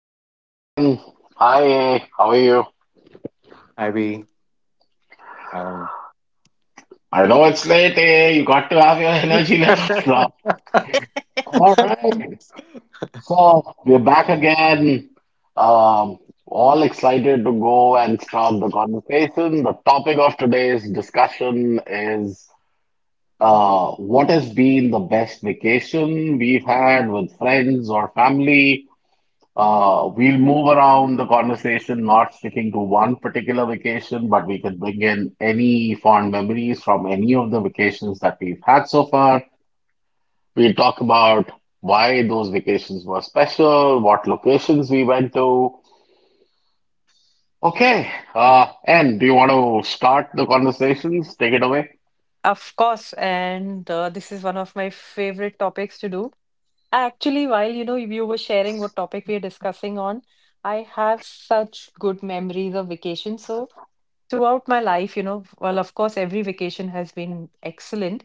Hey, Ann. Hi, A. How are you? Ivy. Um, I know it's late, A. You got to have your energy levels up. All right. So we're back again. Um, all excited to go and start the conversation. The topic of today's discussion is what has been the best vacation we've had with friends or family? We'll move around the conversation, not sticking to one particular vacation, but we can bring in any fond memories from any of the vacations that we've had so far. We'll talk about why those vacations were special, what locations we went to. Okay, and do you want to start the conversations? Take it away. Of course, and this is one of my favorite topics to do. Actually, while you were sharing what topic we are discussing on, I have such good memories of vacation. So throughout my life, of course, every vacation has been excellent.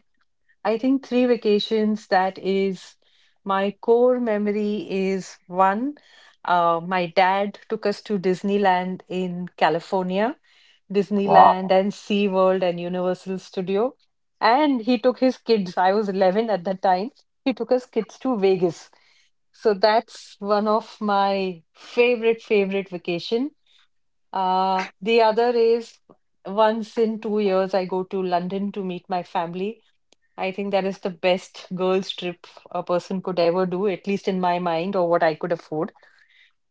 I think three vacations that is my core memory is one, my dad took us to Disneyland in California, Disneyland Wow, and SeaWorld and Universal Studio. And he took his kids, I was 11 at that time, he took us kids to Vegas. So that's one of my favorite, favorite vacation. The other is once in 2 years, I go to London to meet my family. I think that is the best girls trip a person could ever do, at least in my mind, or what I could afford.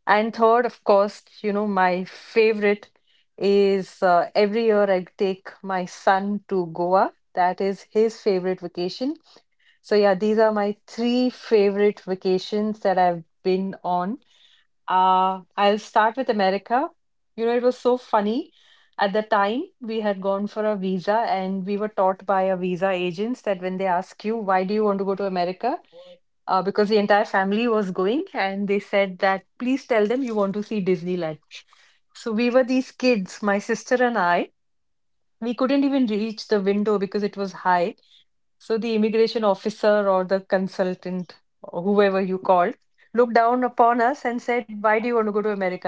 And third, of course, my favorite is every year I take my son to Goa. That is his favorite vacation. So yeah, these are my three favorite vacations that I've been on. I'll start with America. You know, it was so funny. At the time, we had gone for a visa, and we were taught by our visa agents that when they ask you, why do you want to go to America? Because the entire family was going, and they said that please tell them you want to see Disneyland. So we were these kids, my sister and I. We couldn't even reach the window because it was high, so the immigration officer or the consultant or whoever you called looked down upon us and said, "Why do you want to go to America?"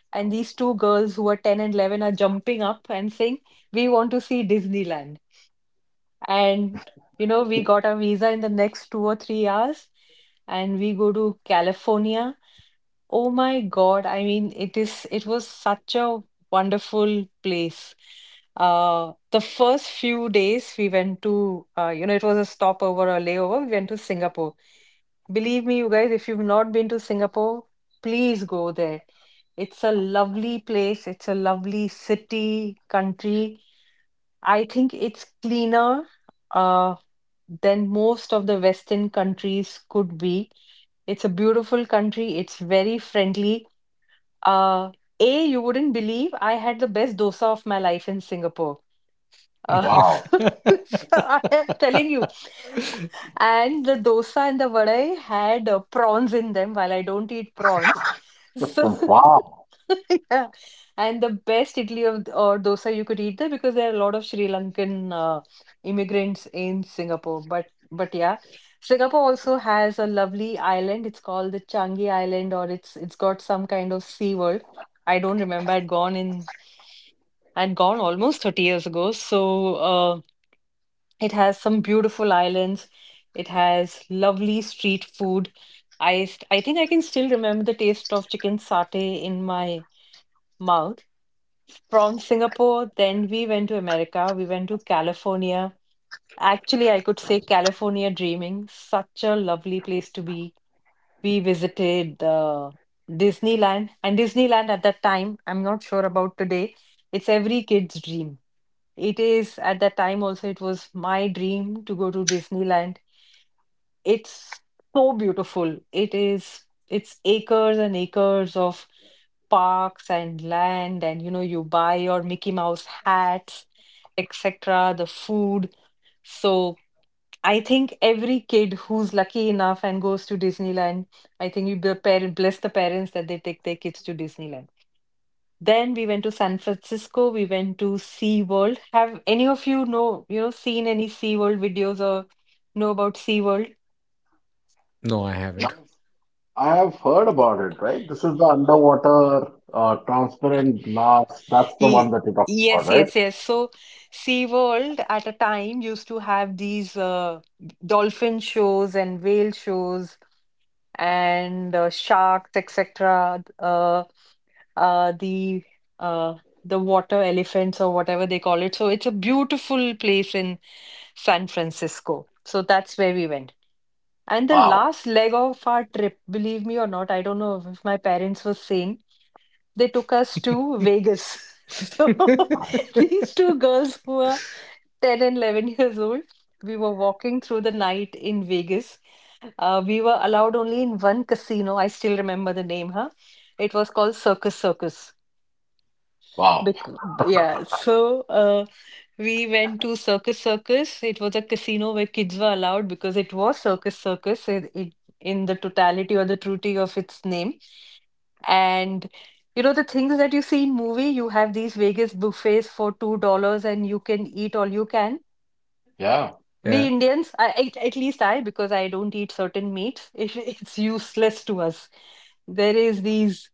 And these two girls who are 10 and 11 are jumping up and saying, "We want to see Disneyland." And you know, we got our visa in the next 2 or 3 hours, and we go to California. Oh my God, I mean, it was such a wonderful place. The first few days we went to it was a stopover or layover. We went to Singapore. Believe me, you guys, if you've not been to Singapore, please go there. It's a lovely place. It's a lovely city, country. I think it's cleaner uh, than most of the Western countries could be. It's a beautiful country. It's very friendly. Uh, A, you wouldn't believe I had the best dosa of my life in Singapore. Uh, wow, so I am telling you. And the dosa and the vadai had prawns in them while I don't eat prawns. So, wow. yeah. And the best idli or dosa you could eat there because there are a lot of Sri Lankan immigrants in Singapore. But yeah, Singapore also has a lovely island. It's called the Changi Island, or it's got some kind of sea world. I don't remember. I'd gone almost 30 years ago. So, it has some beautiful islands. It has lovely street food. I think I can still remember the taste of chicken satay in my mouth. From Singapore, then we went to America. We went to California. Actually, I could say California dreaming. Such a lovely place to be. We visited Disneyland, and Disneyland at that time, I'm not sure about today, it's every kid's dream. It is at that time also, it was my dream to go to Disneyland. It's so beautiful. It's acres and acres of parks and land, and you know, you buy your Mickey Mouse hats, etc., the food. So I think every kid who's lucky enough and goes to Disneyland, I think you the parent bless the parents that they take their kids to Disneyland. Then we went to San Francisco. We went to SeaWorld. Have any of you seen any SeaWorld videos or know about SeaWorld? No, I haven't. Nice. I have heard about it, right? This is the underwater transparent glass. That's the one Ye- that you're talking about, Yes, right? yes, yes. So SeaWorld at a time used to have these dolphin shows and whale shows and sharks, etc. uh, the uh, the water elephants or whatever they call it. So it's a beautiful place in San Francisco. So that's where we went. And the Wow. last leg of our trip, believe me or not, I don't know if my parents were sane, they took us to Vegas. So Nice. these two girls who are 10 and 11 years old, we were walking through the night in Vegas. We were allowed only in one casino. I still remember the name, huh? It was called Circus Circus. Wow. Because, yeah, we went to Circus Circus. It was a casino where kids were allowed because it was Circus Circus in the totality or the truity of its name. And you know, the things that you see in movie, you have these Vegas buffets for $2 and you can eat all you can. Yeah. We yeah. Indians, I- At least I, because I don't eat certain meats, it's useless to us. There is these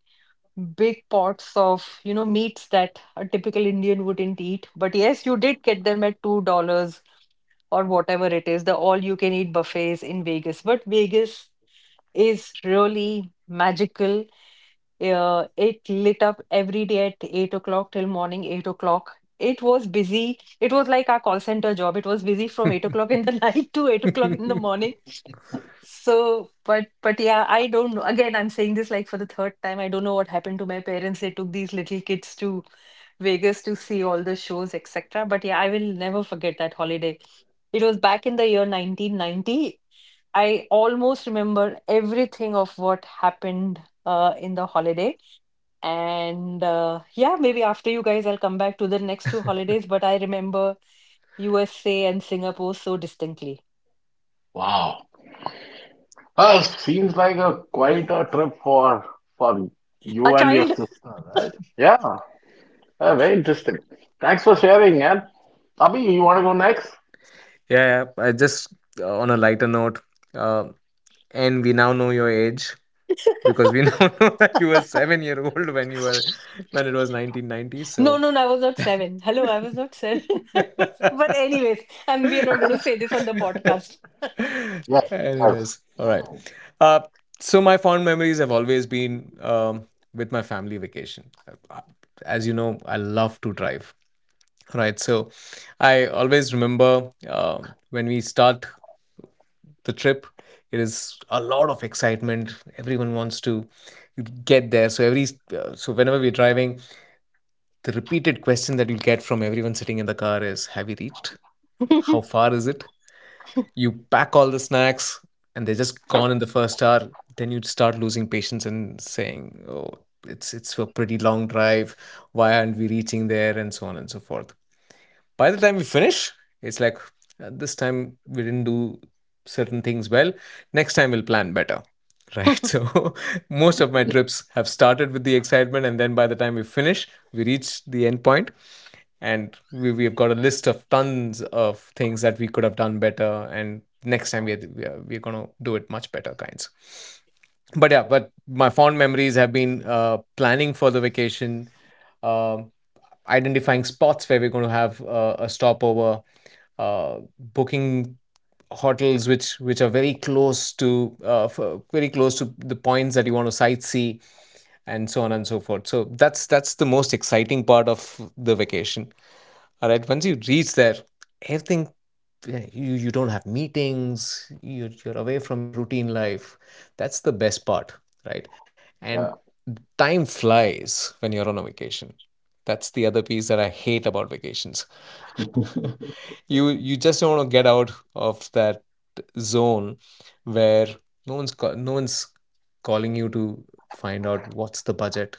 big pots of, you know, meats that a typical Indian wouldn't eat. But yes, you did get them at $2 or whatever it is, the all you can eat buffets in Vegas. But Vegas is really magical. It lit up every day at 8 o'clock till morning 8 o'clock. It was busy. It was like our call center job. It was busy from yeah, 8 o'clock in the night to 8 o'clock in the morning so, but yeah, I don't know. Again, I'm saying this like for the third time. I don't know what happened to my parents. They took these little kids to Vegas to see all the shows, etc. But yeah, I will never forget that holiday. It was back in the year 1990. I almost remember everything of what happened in the holiday. And yeah, maybe after you guys, I'll come back to the next two holidays. But I remember USA and Singapore so distinctly. Wow. Well, seems like a quite a trip for for A you and your child. sister, right? Yeah. Very interesting. Thanks for sharing, man. Abhi, you want to go next? yeah. I just on a lighter note, uh, and we now know your age because we now know that you were 7 year old when you were when it was 1990. No, So, no, no, I was not seven. Hello, I was not seven. I was... But anyways, and we are not going to say this on the podcast. Yes. Yes. Anyways, all right. Uh, so my fond memories have always been with my family vacation. Uh, As you know, I love to drive. Right. So, I always remember when we start the trip. It is a lot of excitement. Everyone wants to get there. So every so whenever we're driving, the repeated question that you'll get from everyone sitting in the car is, "Have you reached? How far is it?" You pack all the snacks, and they're just gone in the first hour. Then you would start losing patience and saying, "Oh, it's a pretty long drive. Why aren't we reaching there?" And so on and so forth. By the time we finish, it's like this time we didn't do certain things well. Next time we'll plan better. Right. So most of my Mm. trips have started with the excitement, and then by the time we finish, we reach the end point, and we've got a list of tons of things that we could have done better and next time we're going to do it much better kinds. But yeah, but my fond memories have been planning for the vacation, uh, identifying spots where we're going to have a stopover, booking hotels which are very close to the points that you want to sightsee, and so on and so forth. So that's the most exciting part of the vacation. All right, once you reach there, everything, yeah, you don't have meetings. You're away from your routine life. That's the best part, right? And time flies when you're on a vacation. That's the other piece that I hate about vacations. Yeah. you just don't want to get out of that zone where no one's calling you to find out what's the budget,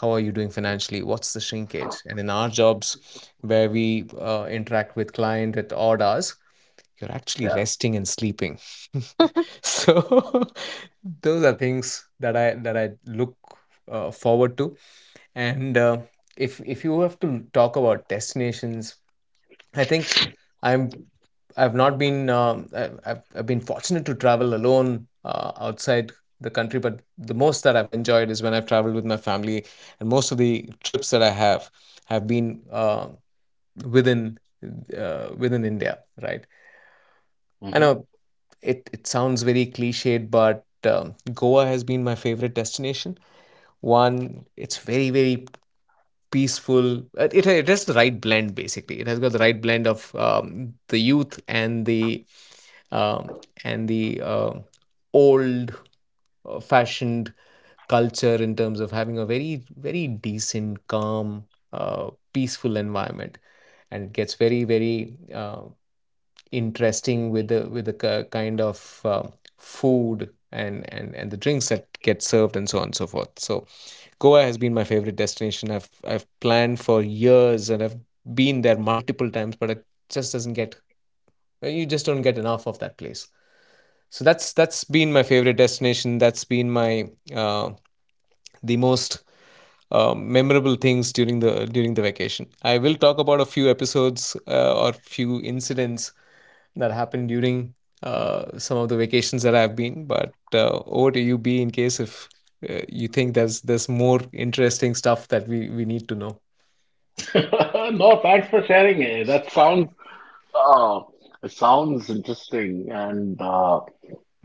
how are you doing financially, what's the shrinkage, and in our jobs where we interact with client at odd hours, you're actually Yeah. resting and sleeping. so those are things that I look forward to. And if you have to talk about destinations, I think i'm I've not been I- have I've been fortunate to travel alone outside the country, but the most that I've enjoyed is when I've traveled with my family, and most of the trips that I have been within within India, right? I Hmm. know it it sounds very cliched, but Goa has been my favorite destination. One, it's very peaceful. It has the right blend basically. It has got the right blend of the youth um, and the old fashioned culture in terms of having a very very decent, calm, peaceful environment, and it gets very very interesting with the kind of food, and the drinks that get served and so on and so forth. So Goa has been my favorite destination. I've planned for years and I've been there multiple times, but it just doesn't get, you just don't get enough of that place. So that's been my favorite destination. That's been my the most memorable things during the vacation. I will talk about a few episodes or few incidents that happened during some of the vacations that I've been. But over to you, B, in case if you think there's more interesting stuff that we need to know. No, thanks for sharing it. That sounds Oh, it sounds interesting. And uh,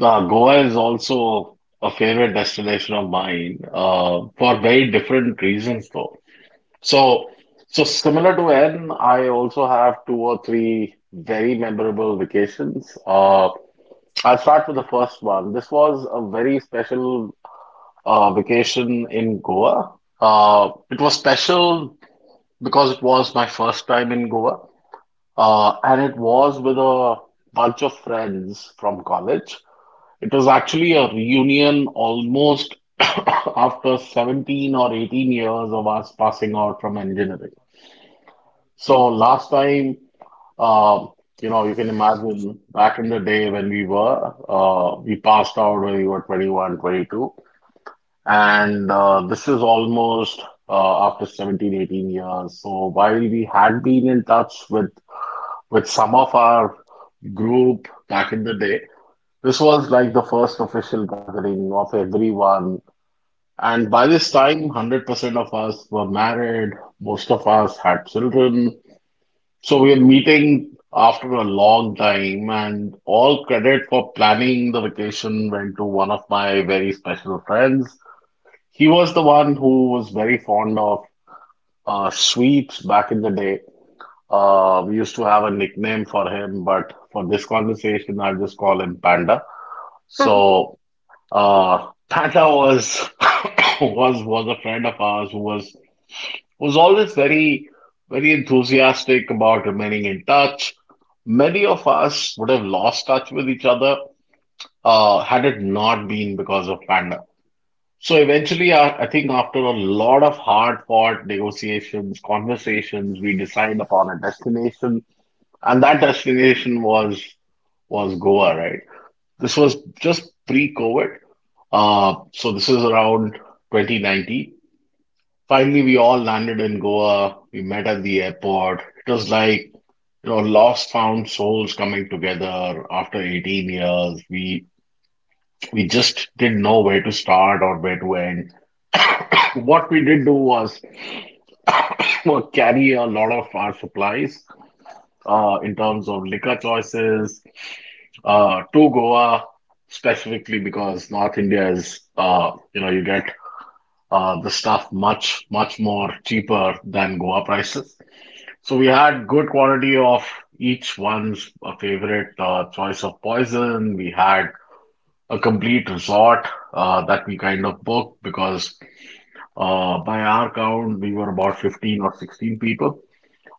uh, Goa is also a favorite destination of mine for very different reasons, though. So, so similar to N, I also have two or three very memorable vacations. I'll start with the first one. This was a very special vacation in Goa. It was special because it was my first time in Goa. And it was with a bunch of friends from college. It was actually a reunion almost after 17 or 18 years of us passing out from engineering. So last time, uh, you can imagine back in the day when we passed out when we were 21, 22. And this is almost after 17, 18 years. So while we had been in touch with some of our group back in the day. This was like the first official gathering of everyone. And by this time, 100% of us were married. Most of us had children. So we were meeting after a long time, and all credit for planning the vacation went to one of my very special friends. He was the one who was very fond of sweets back in the day. We used to have a nickname for him, but for this conversation, I'll just call him Panda. So Tata was was a friend of ours who was always very, very enthusiastic about remaining in touch. Many of us would have lost touch with each other had it not been because of Panda. So eventually, I think after a lot of hard-fought negotiations, conversations, we decided upon a destination, and that destination was Goa, right? This was just pre-COVID. So this is around 2019. Finally, we all landed in Goa. We met at the airport. It was like, you know, lost found souls coming together after 18 years. We just didn't know where to start or where to end. What we did do was carry a lot of our supplies in terms of liquor choices to Goa specifically because North India is you get the stuff much, much more cheaper than Goa prices. So we had good quantity of each one's favorite choice of poison. We had a complete resort that we kind of booked because by our count, we were about 15 or 16 people.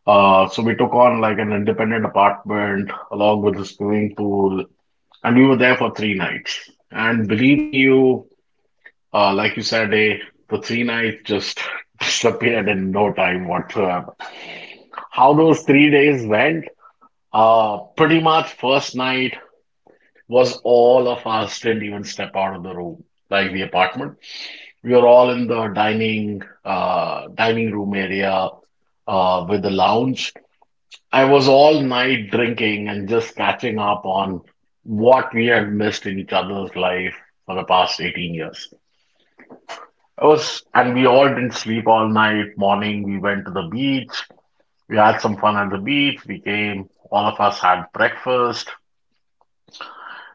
So we took on like an independent apartment along with a swimming pool, and we were there for 3 nights. And believe me, you, like you said, they, the 3 nights just disappeared in no time whatsoever. How those 3 days went, pretty much first night was all of us didn't even step out of the room, like the apartment. We were all in the dining room area, with the lounge. I was all night drinking and just catching up on what we had missed in each other's life for the past 18 years. It was, and we all didn't sleep all night. Morning, we went to the beach. We had some fun at the beach. We came. All of us had breakfast.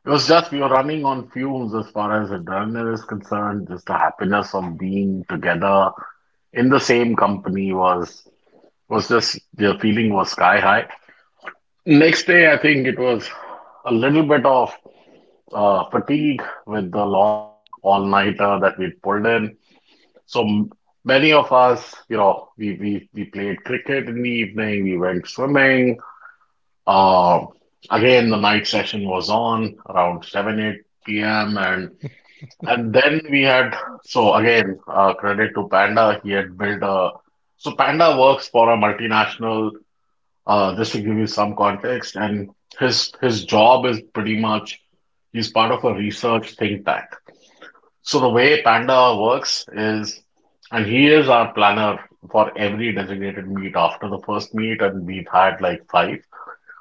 It was just we were running on fumes as far as adrenaline is concerned. Just the happiness of being together in the same company was just the feeling was sky high. Next day, I think it was a little bit of fatigue with the long all-nighter that we pulled in. So many of us, we played cricket in the evening, we went swimming. Um, Again, the night session was on around 7, 8 p.m. And, and then so again, credit to Panda, he had built a, so Panda works for a multinational, just to give you some context, and his job is pretty much, he's part of a research think tank. So the way Panda works is, and he is our planner for every designated meet. After the first meet, and we've had like five.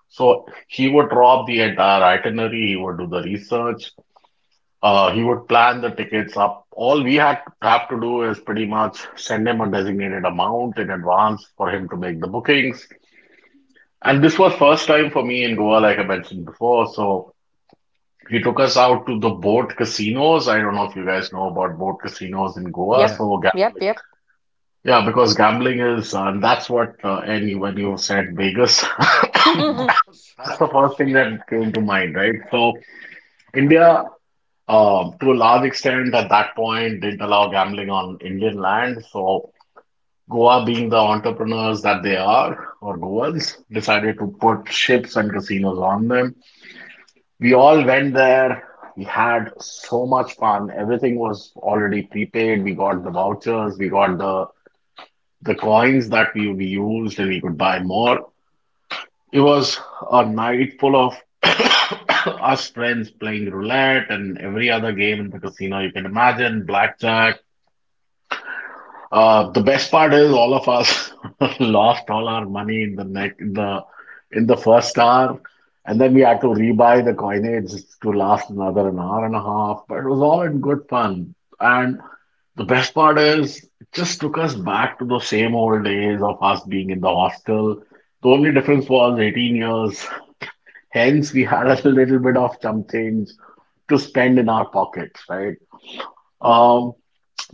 So he would draw up the entire itinerary. He would do the research. He would plan the tickets up. All we had have to do is pretty much send him a designated amount in advance for him to make the bookings. And this was first time for me in Goa, like I mentioned before. So he took us out to the boat casinos. I don't know if you guys know about boat casinos in Goa. Yep, Yeah. So yep, gambling, yep. yeah, because gambling is, and that's what. And when you said Vegas, that's the first thing that came to mind, right? So India, to a large extent, at that point, didn't allow gambling on Indian land. So Goa, being the entrepreneurs that they are, or Goans, decided to put ships and casinos on them. We all went there. We had so much fun. Everything was already prepaid. We got the vouchers, we got the coins that we used, and we could buy more. It was a night full of us friends playing roulette and every other game in the casino you can imagine, blackjack. The best part is all of us lost all our money in the neck in the first hour, and then we had to rebuy the coinage to last another an hour and a half. But it was all in good fun. And the best part is it just took us back to the same old days of us being in the hostel. The only difference was 18 years. Hence, we had a little bit of chump change to spend in our pockets, right? Um,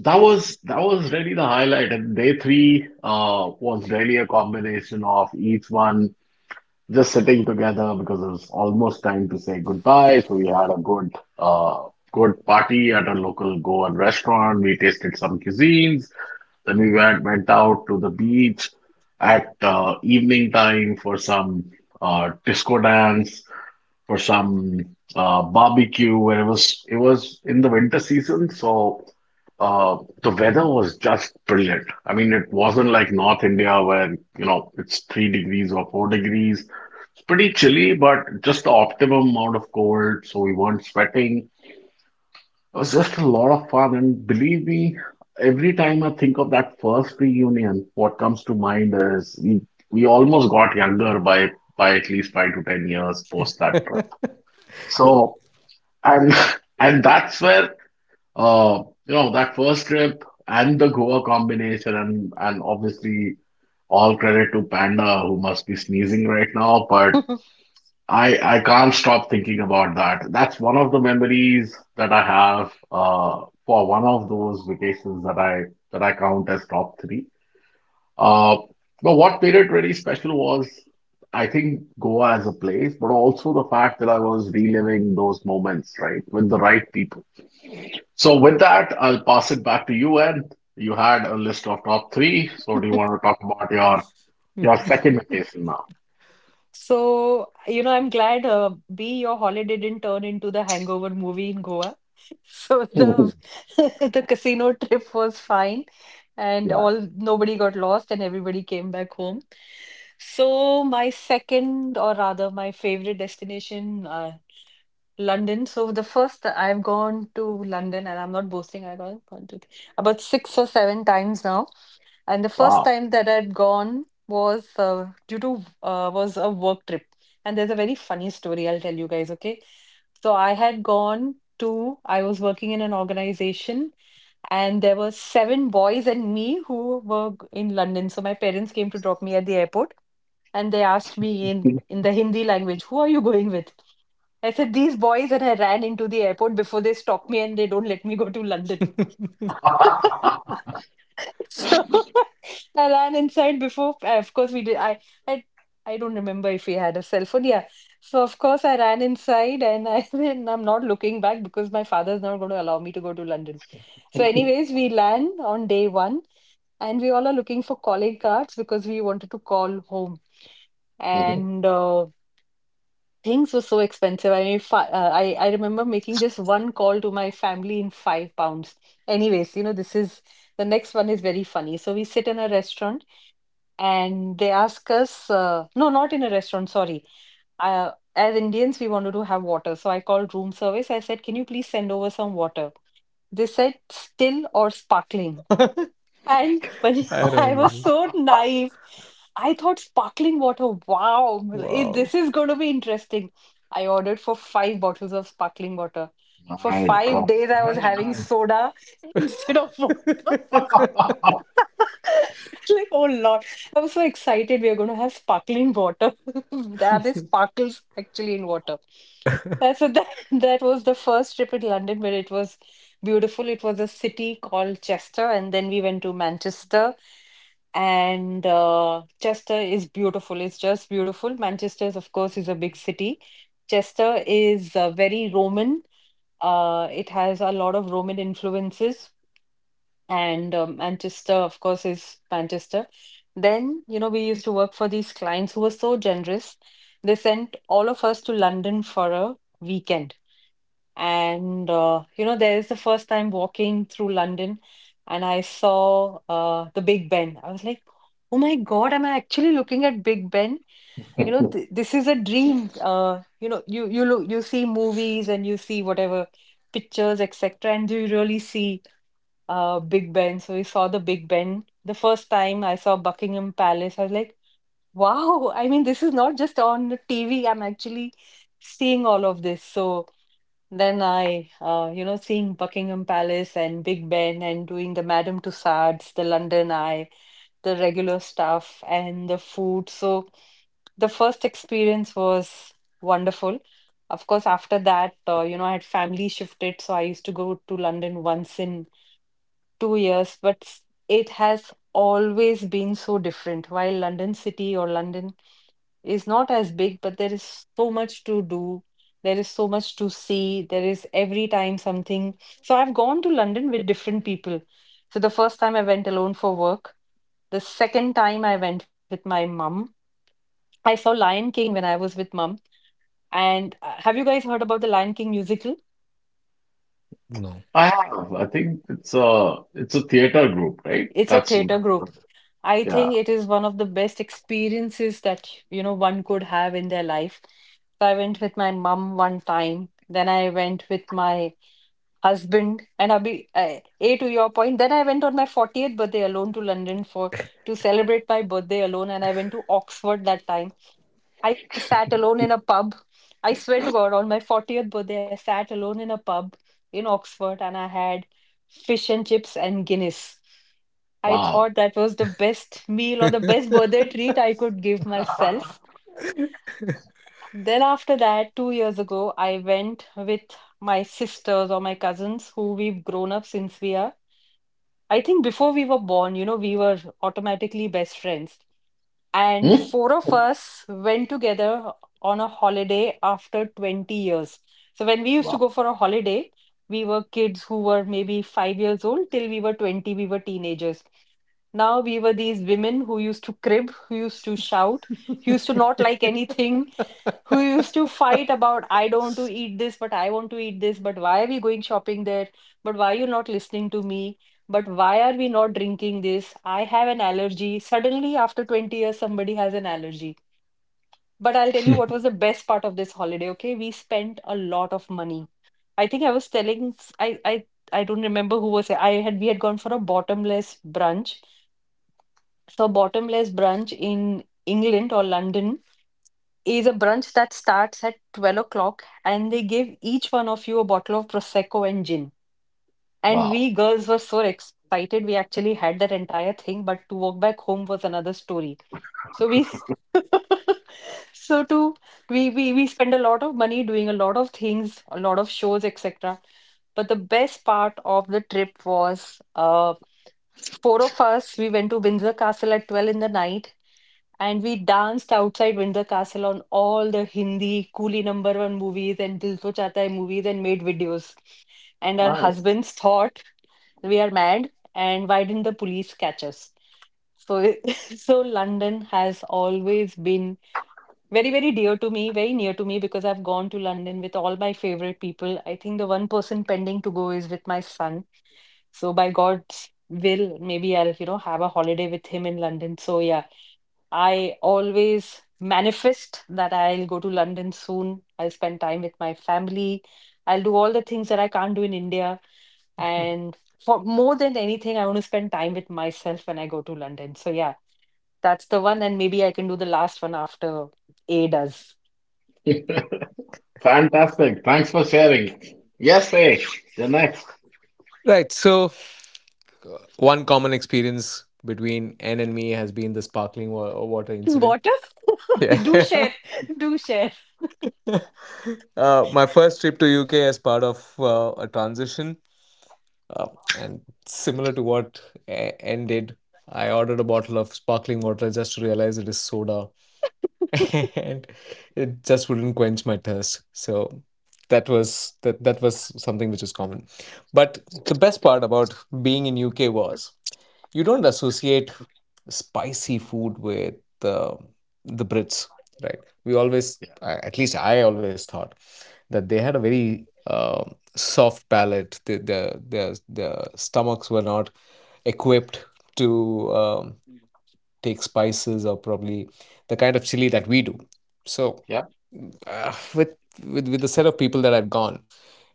that was really the highlight, and day three was really a combination of each one just sitting together because it was almost time to say goodbye. So we had a uh, good party at a local Goan restaurant. We tasted some cuisines. Then we went out to the beach at evening time for some disco dance, for some barbecue, and it was in the winter season, so uh, the weather was just brilliant. I mean, it wasn't like North India where you know it's 3 degrees or 4 degrees. It's pretty chilly, but just the optimum amount of cold, so we weren't sweating. It was just a lot of fun, and believe me, every time I think of that first reunion, what comes to mind is we almost got younger by at least 5 to 10 years post that trip. So, and and that's where that first trip and the Goa combination, and obviously all credit to Panda who must be sneezing right now, but I can't stop thinking about that. That's one of the memories that I have for one of those vacations that I count as top three. Uh but what made it really special was I think Goa as a place, but also the fact that I was reliving those moments, right, with the right people. So with that, I'll pass it back to you, Ed. You had a list of top three, so do you want to talk about your second vacation now? So, you know, I'm glad B, your holiday didn't turn into the Hangover movie in Goa. So the the casino trip was fine, and Yeah. all nobody got lost and everybody came back home. So my second, or rather my favorite destination, London. So the first I've gone to London, and I'm not boasting. I've gone one, two, three, about six or seven times now. And the first Wow. time that I'd gone was due to was a work trip. And there's a very funny story I'll tell you guys. Okay, so I had gone to I was working in an organization and there were seven boys and me who were in London. So my parents came to drop me at the airport and they asked me in, in the Hindi language, who are you going with? I said, these boys, and I ran into the airport before they stop me and they don't let me go to London. So I ran inside before. Of course, we did. I, I don't remember if we had a cell phone. Yeah. So of course, I ran inside, and I then I'm not looking back because my father's not going to allow me to go to London. So, anyways, we land on day one, and we all are looking for calling cards because we wanted to call home. Mhm. And things were so expensive. I mean, fi I remember making just one call to my family in £5. Anyways, you know, this is the next one is very funny. So we sit in a restaurant and they ask us, no, not in a restaurant, sorry. As Indians, we wanted to have water. So I called room service. I said, can you please send over some water? They said still or sparkling. And but I I remember was this. so naive. I thought sparkling water, wow, Wow. this is going to be interesting. I ordered for five bottles of sparkling water. For My five gosh. days, I was Very having nice. soda instead of water. Like, oh Lord. I was so excited. We are going to have sparkling water. There are these sparkles actually in water. So that was the first trip in London where it was beautiful. It was a city called Chester, and then we went to Manchester. And Chester is beautiful. It's just beautiful. Manchester, of course, is a big city. Chester is very Roman. It has a lot of Roman influences, and Manchester, of course, is Manchester. Then, you know, we used to work for these clients who were so generous. They sent all of us to London for a weekend. There is the first time walking through London, and I saw the Big Ben. I was like, "Oh my God, am I actually looking at Big Ben?" You know, th this is a dream. You look, you see movies and you see whatever pictures, etc. And do you really see Big Ben? So we saw the Big Ben. The first time I saw Buckingham Palace, I was like, "Wow! I mean, this is not just on the TV. I'm actually seeing all of this." So. Then I, seeing Buckingham Palace and Big Ben and doing the Madame Tussauds, the London Eye, the regular stuff and the food. So the first experience was wonderful. Of course, after that, I had family shifted, so I used to go to London once in 2 years, but it has always been so different. While London City or London is not as big, but there is so much to do. There is so much to see. There is every time something. So I've gone to London with different people. So the first time I went alone for work. The second time I went with my mum. I saw Lion King when I was with mum. And have you guys heard about the Lion King musical? No. I have. I think it's a theater group, right? It's a That's theater group. what, I yeah. think it is one of the best experiences that, one could have in their life. So I went with my mum one time, then I went with my husband, and Abhi, A, to your point, then I went on my 40th birthday alone to London for to celebrate my birthday alone, and I went to Oxford that time. I sat alone in a pub. I swear to God, on my 40th birthday, I sat alone in a pub in Oxford, and I had fish and chips and Guinness. I thought Wow. that was the best meal or the best birthday treat I could give myself. Then, after that, 2 years ago, I went with my sisters or my cousins who we've grown up since we are. I think before we were born, we were automatically best friends. And Hmm? four of us went together on a holiday after 20 years. So, when we used to Wow. go for a holiday, we were kids who were maybe 5 years old till we were 20, we were teenagers. Now we were these women who used to crib, who used to shout, who used to not like anything, who used to fight about, I don't want to eat this, but I want to eat this, but why are we going shopping there? But why are you not listening to me? But why are we not drinking this? I have an allergy. Suddenly, after 20 years, somebody has an allergy. But I'll tell you what was the best part of this holiday, okay? We spent a lot of money. I think I was telling, I don't remember who was, we had gone for a bottomless brunch so, bottomless brunch in England or London is a brunch that starts at 12 o'clock and they give each one of you a bottle of Prosecco and gin. And Wow. we girls were so excited. We actually had that entire thing, but to walk back home was another story. So we so to we spend a lot of money doing a lot of things, a lot of shows, etc. But the best part of the trip was four of us, we went to Windsor Castle at 12 in the night and we danced outside Windsor Castle on all the Hindi Coolie number one movies and Dil To Chahta Hai movies and made videos and our Nice. husbands thought we are mad and why didn't the police catch us? So, so London has always been very, very dear to me, very near to me because I've gone to London with all my favorite people. I think the one person pending to go is with my son. So by God's will, maybe I'll have a holiday with him in London. So yeah, I always manifest that I'll go to London soon. I'll spend time with my family. I'll do all the things that I can't do in India. And for more than anything, I want to spend time with myself when I go to London. So, yeah, that's the one. And maybe I can do the last one after A does. Fantastic. Thanks for sharing. Yes, Ray, you're next. Right. So, one common experience between Anne and me has been the water incident. Water? Yeah. Do share. Do share. My first trip to UK as part of a transition, uh, and similar to what Anne did, I ordered a bottle of sparkling water just to realize it is soda, and it just wouldn't quench my thirst. So that was something which is common. But the best part about being in UK was, you don't associate spicy food with uh, the Brits, right? We always, Yeah. at least I always thought that they had a very soft palate. Their stomachs were not equipped to take spices or probably the kind of chili that we do. So, Yeah. uh, with, with the set of people that I've gone,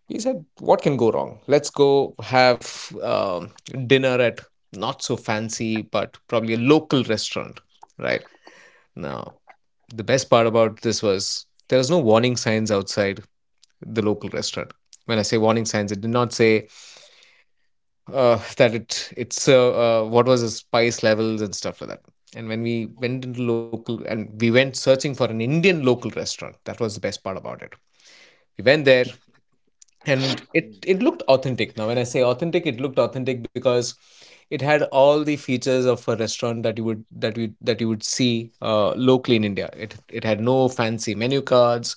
he said, what can go wrong? Let's go have dinner at not so fancy, but probably a local restaurant, right? Now, the best part about this was there was no warning signs outside the local restaurant. When I say warning signs, it did not say that it it's what was the spice levels and stuff like that. And when we Mhm. went into local and we went searching for an Indian local restaurant, that was the best part about it. We went there, and it looked authentic. Now when I say authentic, it looked authentic because it had all the features of a restaurant that you would, that you, that you would see locally in India. It had no fancy menu cards,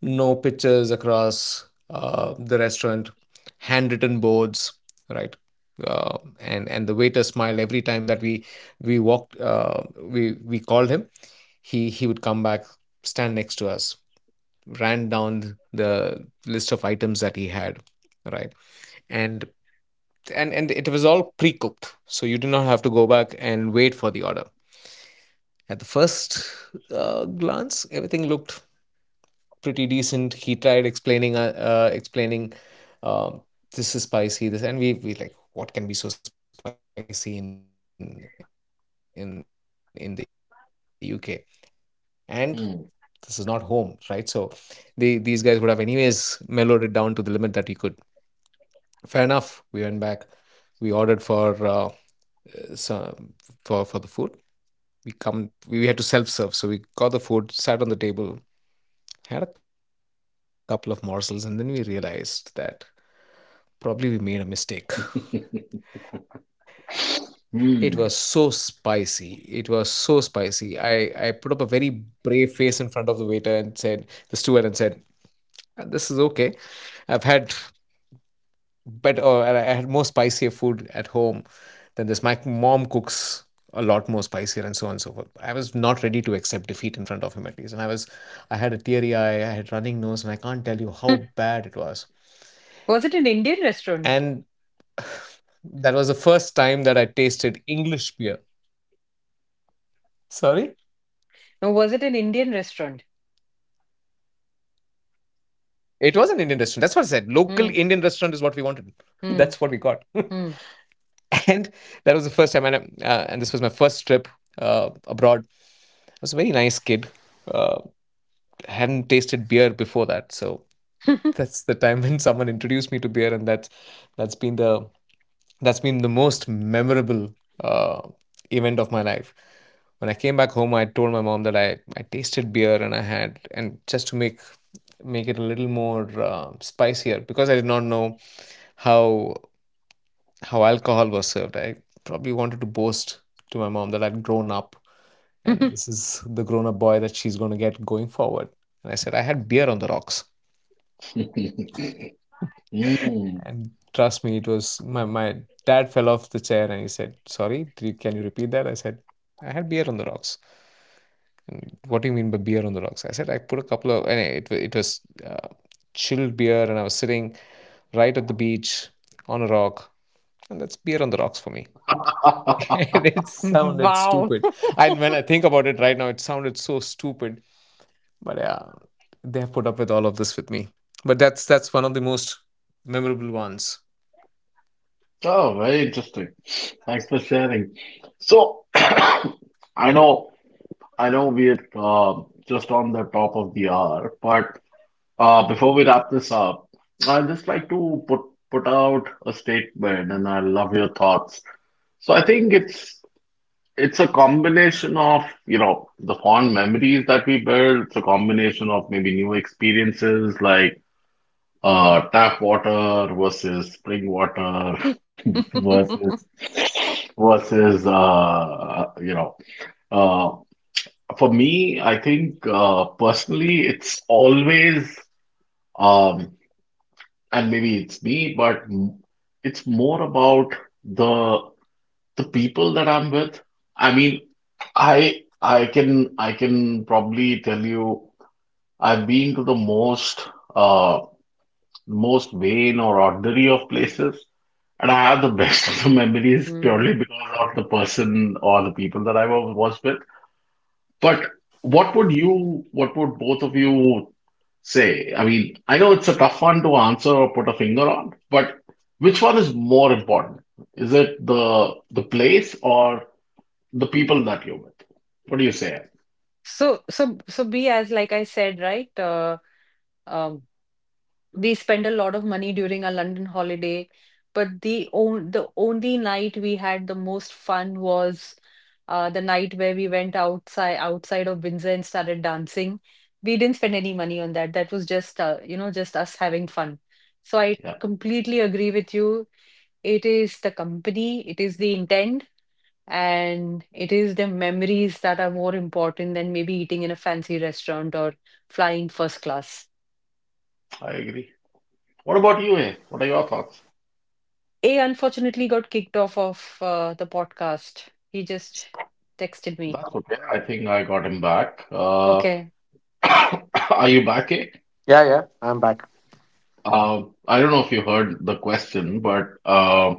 no pictures across the restaurant, handwritten boards, right? And the waiter smiled every time that we walked we we called him, he would come back, stand next to us, ran down the list of items that he had, right? And and it was all pre-cooked, so you did not have to go back and wait for the order. At the first glance, everything looked pretty decent. He tried explaining, uh, this is spicy. This, and we like, what can be so spicy in the UK? And this is not home, right? So, the these guys would have anyways Mm. mellowed it down to the limit that you could. Fair enough, we went back, we ordered for some, for the food, we come, we had to self serve, so we got the food, sat on the table, had a couple of morsels, and then we realized that probably we made a mistake. It was so Mm. spicy, it was so spicy. I put up a very brave face in front of the waiter, and said the steward, and said, This is okay, I've had better, or I had more spicier food at home than this. My mom cooks a lot more spicier," and so on and so forth. I was not ready to accept defeat in front of him at least. And I was, I had a teary eye, I had running nose, and I can't tell you how bad it was. Was it an Indian restaurant? And that was the first time that I tasted English beer. Sorry? No, was it an I Indian didn't restaurant? hear that. Restaurant is what we wanted. That's what we Hmm. got. Hmm. And that was the Hmm. first time. And this was my first trip abroad. I was a very nice kid. Uh, hadn't tasted beer before that. So that's the time when someone introduced me to beer. And that's been the most memorable uh, event of my life. When I came back home, I told my mom that I tasted beer and I had, and just to make it a little more spicier, because I did not know how alcohol was served. I probably wanted to boast to my mom that I'd grown up, and this is the grown up boy that she's going to get going forward. And I said I had beer on the rocks. Mm. Mm. And trust me, it was my dad fell off the chair and he said, "Sorry, can you repeat that?" I said, I had beer on the rocks. What do you mean by beer on the rocks? I said, I put a couple of, and it was uh, chilled beer and I was sitting right at the beach on a rock. And that's beer on the rocks for me. And it sounded Wow. stupid. And when I think about it right now, it sounded so stupid. But yeah, they have put up with all of this with me. But that's one of the most memorable ones. Oh, very interesting. Thanks for sharing. So, I know we're just on the top of the hour, but before we wrap this up, I'd just like to put out a statement, and I love your thoughts. So, I think it's a combination of, you know, the fond memories that we build. It's a combination of maybe new experiences like tap water versus spring water versus versus uh, you know uh, for me. I think personally it's always, um, and maybe it's me, but it's more about the the people that I'm with. I mean, I can probably tell you I've been to the most, uh. most vain or ordinary of places. And I have the best of the memories Mhm. purely because of the person or the people that was with. But what would both of you say? I mean, I know it's a tough one to answer or put a finger on, but which one is more important? Is it the place or the people that you're with? What do you say? So, be as like I said, right? Um, we spent a lot of money during our London holiday, but the only night we had the most fun was the night where we went outside of Windsor and started dancing. We didn't spend any money on that. That was just just us having fun. So I Yeah, completely agree with you. It is the company, it is the intent, and it is the memories that are more important than maybe eating in a fancy restaurant or flying first class. I agree. What about you, eh? What are your thoughts? A unfortunately got kicked off of the podcast. He just texted me. That's okay. I think I got him back. Okay. Are you back, eh? Yeah, yeah. I don't know if you heard the question, but uh,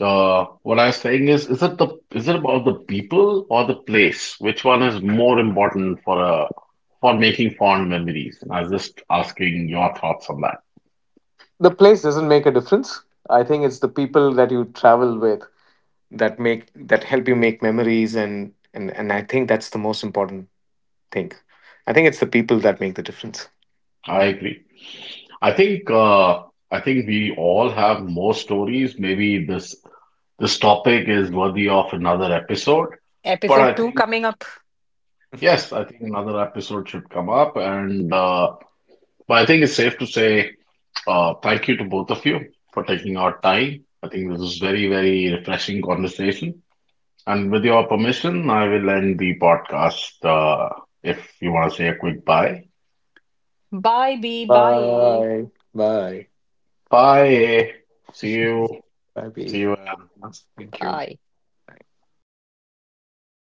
uh, what I was saying is it the is it about the people or the place? Which one is more important for a for making fond memories? And I was just asking your thoughts on that. The place doesn't make a difference. I think it's the people that you travel with that make, that help you make memories, and I think that's the most important thing. I think it's the people that make the difference. I agree. I think we all have more stories. Maybe this topic is worthy of another episode. But Episode I 2 think coming up. Yes, I think another episode should come up, and but I think it's safe to say, thank you to both of you for taking our time. I think this is very, very refreshing conversation. And with your permission, I will end the podcast, if you want to say a quick bye. Bye, B. Bye, A. Bye. Bye. Bye. See you. Bye, See B. you. Thank you. Bye. That's it. 30